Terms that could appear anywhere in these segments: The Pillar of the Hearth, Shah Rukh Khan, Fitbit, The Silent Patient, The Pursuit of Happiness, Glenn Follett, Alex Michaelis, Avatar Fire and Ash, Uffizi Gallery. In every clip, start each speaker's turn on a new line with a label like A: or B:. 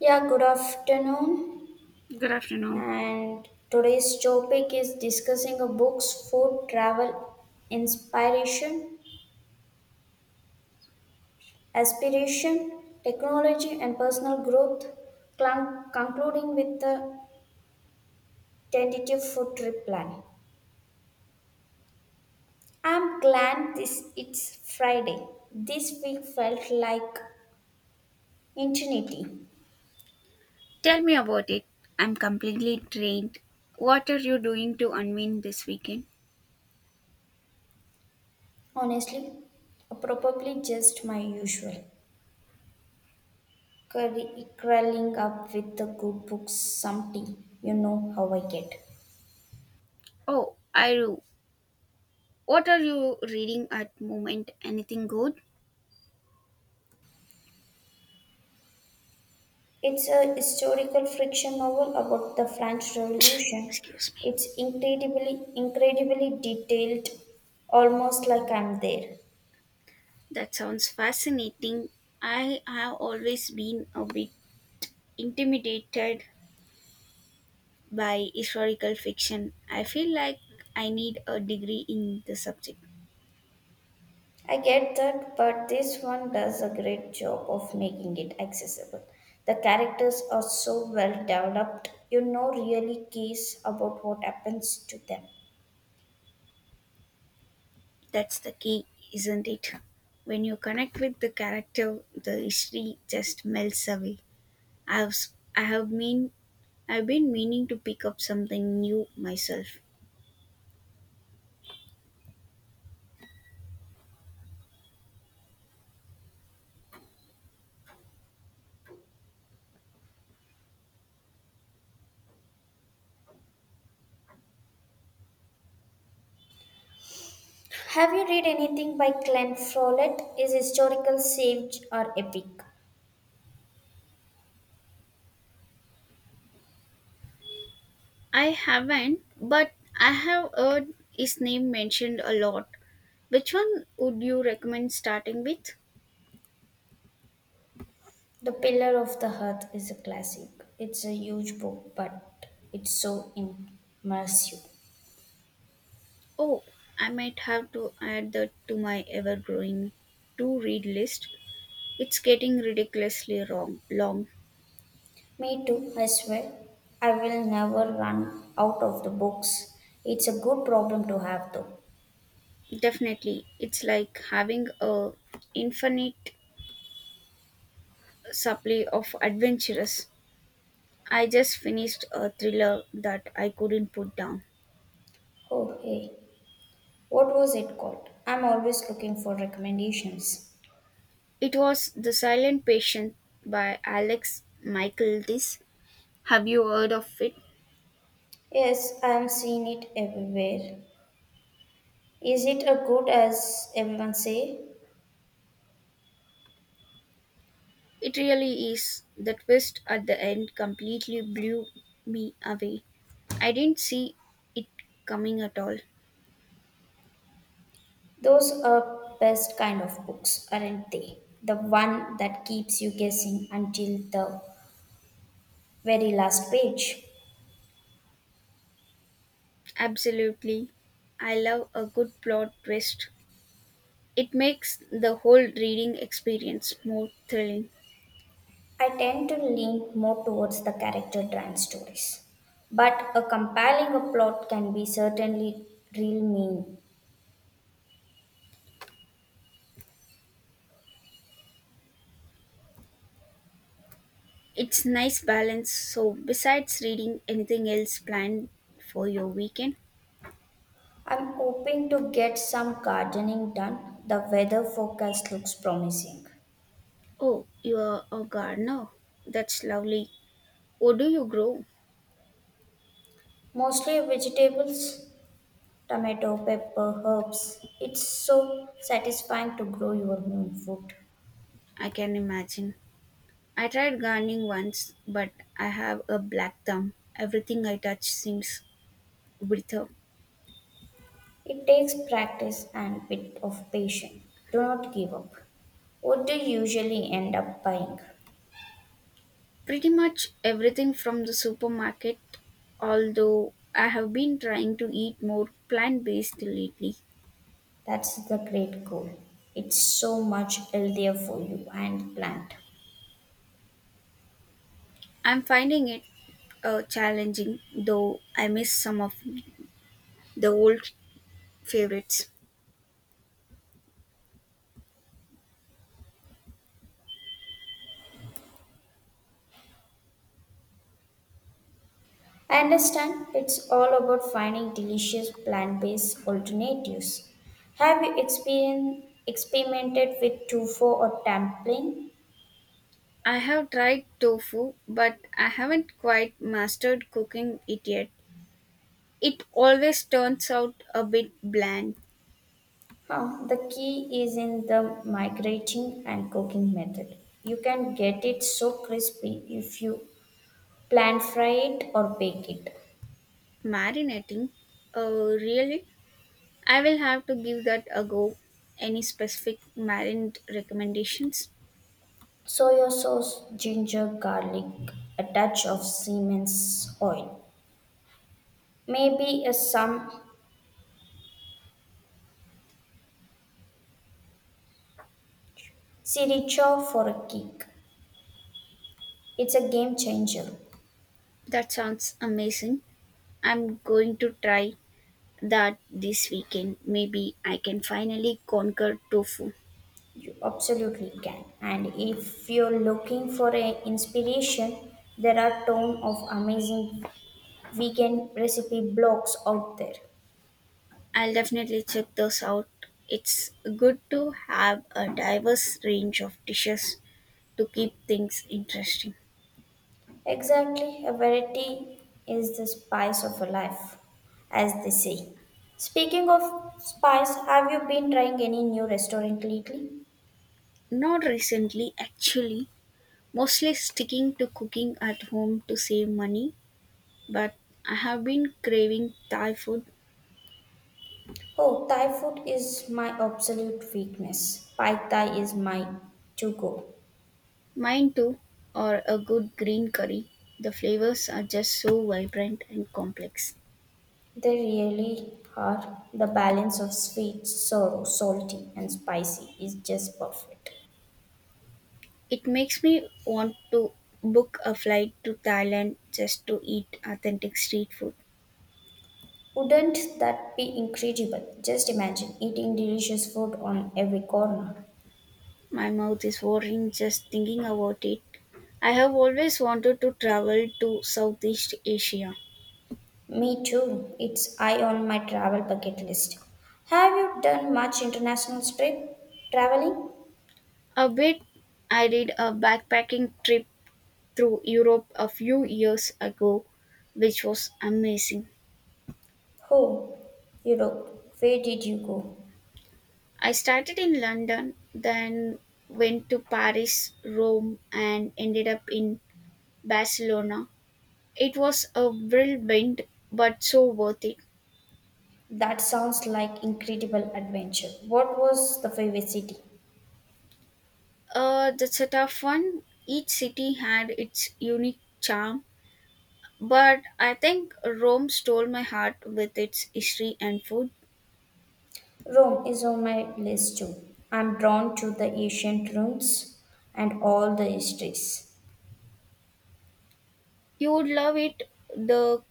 A: Yeah, good afternoon.
B: Good afternoon.
A: And today's topic is discussing a books, food, travel, inspiration, aspiration, technology, and personal growth, concluding with a tentative food trip plan. I'm glad this it's Friday. This week felt like eternity.
B: Tell me about it. I'm completely drained. What are you doing to unwind this weekend?
A: Honestly, probably just my usual. Curry, curling up with the good books, some tea. You know how I get.
B: Oh, I do. What are you reading at moment? Anything good?
A: It's a historical fiction novel about the French Revolution.
B: Excuse me.
A: It's incredibly detailed, almost like I'm there.
B: That sounds fascinating. I have always been a bit intimidated by historical fiction. I feel like I need a degree in the subject.
A: I get that, but this one does a great job of making it accessible. The characters are so well developed, really cares about what happens to them.
B: That's the key, isn't it? When you connect with the character, the history just melts away. I've s- I have mean I've been meaning to pick up something new myself.
A: Have you read anything by Glenn Follett? Is historical, sage, or epic?
B: I haven't, but I have heard his name mentioned a lot. Which one would you recommend starting with?
A: The Pillar of the Hearth is a classic. It's a huge book, but it's so immersive.
B: Oh, I might have to add that to my ever-growing to-read list. It's getting ridiculously wrong long.
A: Me too, I swear. I will never run out of the books. It's a good problem to have, though.
B: Definitely, it's like having a infinite supply of adventurous. I just finished a thriller that I couldn't put down.
A: Oh, hey, what was it called? I'm always looking for recommendations.
B: It was The Silent Patient by Alex Michaelis. Have you heard of it?
A: Yes, I'm seeing it everywhere. Is it as good as everyone say?
B: It really is. The twist at the end completely blew me away. I didn't see it coming at all.
A: Those are best kind of books, aren't they? The one that keeps you guessing until the very last page.
B: Absolutely. I love a good plot twist. It makes the whole reading experience more thrilling.
A: I tend to lean more towards the character driven stories. But a compelling a plot can be certainly real mean.
B: It's nice balance. So, besides reading, anything else planned for your weekend?
A: I'm hoping to get some gardening done. The weather forecast looks promising.
B: Oh, you are a gardener. That's lovely. What do you grow?
A: Mostly vegetables, tomato, pepper, herbs. It's so satisfying to grow your own food.
B: I can imagine. I tried gardening once, but I have a black thumb. Everything I touch seems wither.
A: It takes practice and a bit of patience. Do not give up. What do you usually end up buying?
B: Pretty much everything from the supermarket, although I have been trying to eat more plant based lately.
A: That's the great goal. It's so much healthier for you and the plant.
B: I'm finding it challenging, though I miss some of the old favorites.
A: I understand it's all about finding delicious plant based alternatives. Have you experien experimented with tofu or dumpling?
B: I have tried tofu, but I haven't quite mastered cooking it yet. It always turns out a bit bland.
A: Huh, the key is in the migrating and cooking method. You can get it so crispy if you plan fry it or bake it.
B: Marinating? Oh, really? I will have to give that a go. Any specific marinade recommendations?
A: Soya sauce, ginger, garlic, a touch of Siemens oil. Maybe a some sriracha for a kick. It's a game changer.
B: That sounds amazing. I'm going to try that this weekend. Maybe I can finally conquer tofu.
A: You absolutely can. And if you're looking for a inspiration, there are ton of amazing vegan recipe blogs out there.
B: I'll definitely check those out. It's good to have a diverse range of dishes to keep things interesting.
A: Exactly, a variety is the spice of a life, as they say. Speaking of spice, have you been trying any new restaurant lately?
B: Not recently, actually, mostly sticking to cooking at home to save money, but I have been craving Thai food,
A: Oh, Thai food is my absolute weakness. Pad Thai is my to go.
B: mine too, or a good green curry. The flavors are just so vibrant and complex.
A: They really are. The balance of sweet, sour, salty, and spicy is just perfect.
B: It makes me want to book a flight to Thailand just to eat authentic street food.
A: Wouldn't that be incredible? Just imagine eating delicious food on every corner.
B: My mouth is watering just thinking about it. I have always wanted to travel to Southeast Asia.
A: Me too. It's high on my travel bucket list. Have you done much international trip traveling?
B: A bit, I did a backpacking trip through Europe a few years ago, which was amazing.
A: Oh, Europe. Where did you go?
B: I started in London, then went to Paris, Rome, and ended up in Barcelona. It was a whirlwind, but so worth it.
A: That sounds like incredible adventure. What was the favorite city?
B: That's a tough one. Each city had its unique charm, but I think Rome stole my heart with its history and food.
A: Rome is on my list too. I'm drawn to the ancient ruins and all the histories.
B: You would love it, the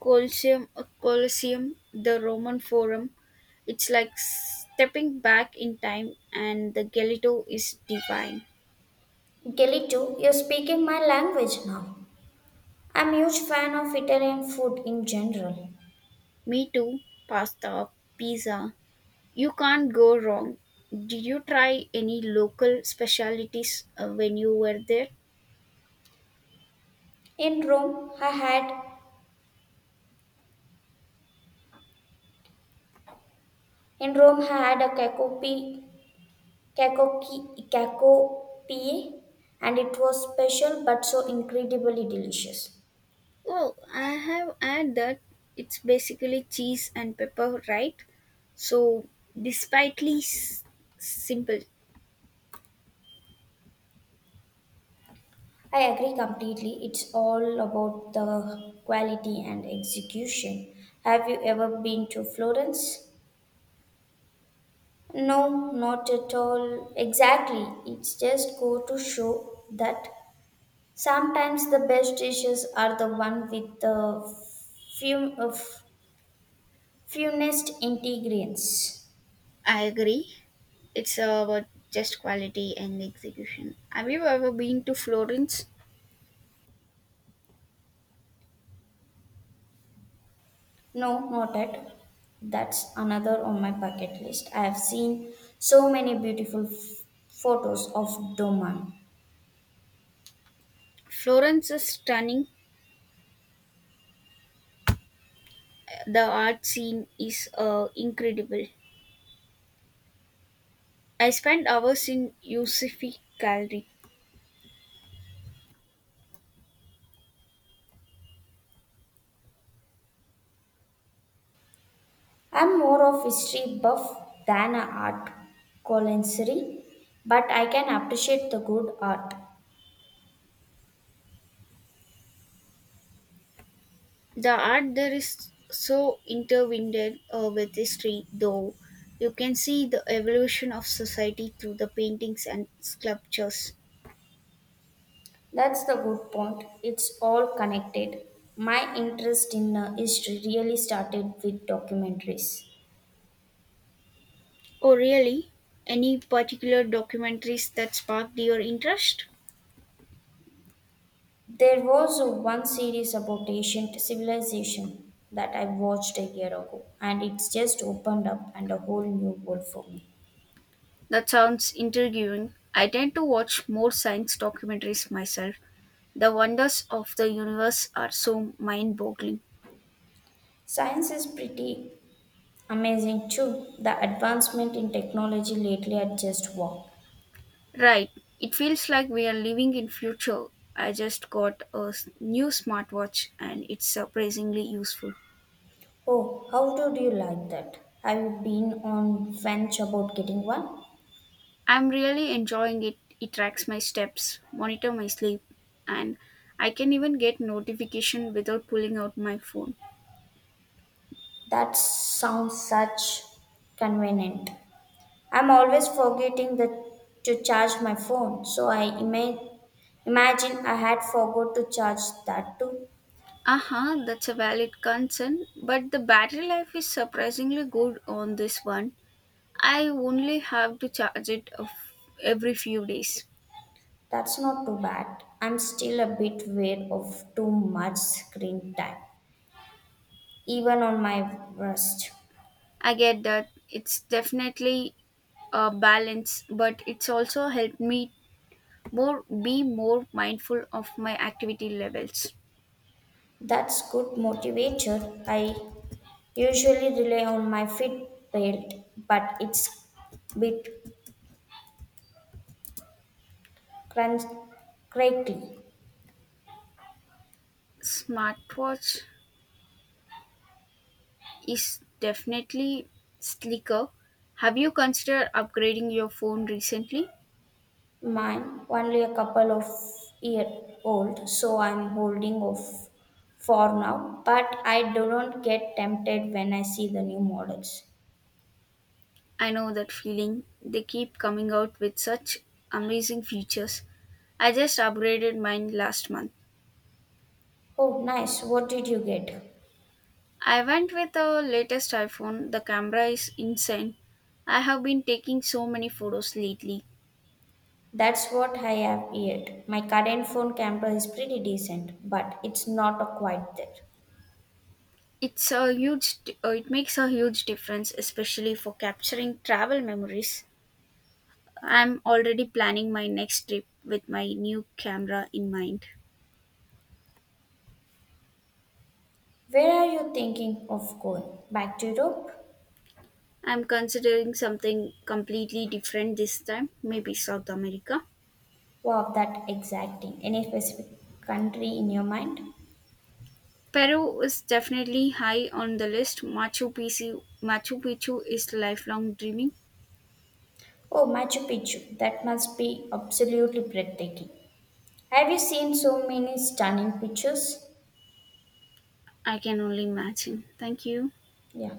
B: Colosseum, Colosseum, the Roman Forum. It's like stepping back in time, and the gelato is divine.
A: Galito, you're speaking my language now. I'm a huge fan of Italian food in general.
B: Me too, pasta, pizza. You can't go wrong. Did you try any local specialties when you were there?
A: In Rome, I had In Rome had a cacopi, and it was special but so incredibly delicious.
B: Oh, I have had that. It's basically cheese and pepper, right? So, despitely simple.
A: I agree completely. It's all about the quality and execution. Have you ever been to Florence? No, not at all. Exactly. It's just go to show that sometimes the best dishes are the one with the few, of funest ingredients.
B: I agree. It's about just quality and execution. Have you ever been to Florence?
A: No, not yet. That's another on my bucket list. I have seen so many beautiful photos of Doman.
B: Florence is stunning. The art scene is incredible. I spent hours in Usifi Gallery.
A: I'm more of history buff than an art connoisseur, but I can appreciate the good art.
B: The art there is so intertwined with history, though. You can see the evolution of society through the paintings and sculptures.
A: That's the good point. It's all connected. My interest in history really started with documentaries.
B: Oh, really? Any particular documentaries that sparked your interest?
A: There was one series about ancient civilization that I watched a year ago, and it's just opened up and a whole new world for me.
B: That sounds intriguing. I tend to watch more science documentaries myself. The wonders of the universe are so mind boggling.
A: Science is pretty amazing too. The advancement in technology lately are just wow.
B: Right. It feels like we are living in future. I just got a new smartwatch and it's surprisingly useful.
A: Oh, how do you like that? Have you been on fence about getting one?
B: I'm really enjoying it. It tracks my steps, monitor my sleep, and I can even get notification without pulling out my phone.
A: That sounds such convenient. I'm always forgetting the, to charge my phone, so I imagine I had forgot to charge that too.
B: Uh-huh, that's a valid concern, but the battery life is surprisingly good on this one. I only have to charge it of every few days.
A: That's not too bad. I'm still a bit weird of too much screen time, even on my wrist.
B: I get that, it's definitely balance, but it's also helped me more be more mindful of my activity levels.
A: That's good motivator. I usually rely on my Fitbit, but it's bit crunch crackly.
B: Smartwatch is definitely sleeker. Have you considered upgrading your phone recently?
A: Mine, only a couple of year old, so I'm holding off for now. But I do not get tempted when I see the new models.
B: I know that feeling. They keep coming out with such amazing features. I just upgraded mine last month.
A: Oh, nice. What did you get?
B: I went with the latest iPhone. The camera is insane. I have been taking so many photos lately.
A: That's what I have yet. My current phone camera is pretty decent, but it's not a quite there.
B: It's a it makes a huge difference, especially for capturing travel memories. I'm already planning my next trip with my new camera in mind.
A: Where are you thinking of going? Back to Europe?
B: I'm considering something completely different this time, maybe South America.
A: Wow, that exacting. Any specific country in your mind?
B: Peru is definitely high on the list. Machu Picchu is lifelong dreaming.
A: Oh, Machu Picchu. That must be absolutely breathtaking. Have you seen so many stunning pictures?
B: I can only imagine. Thank you.
A: Yeah.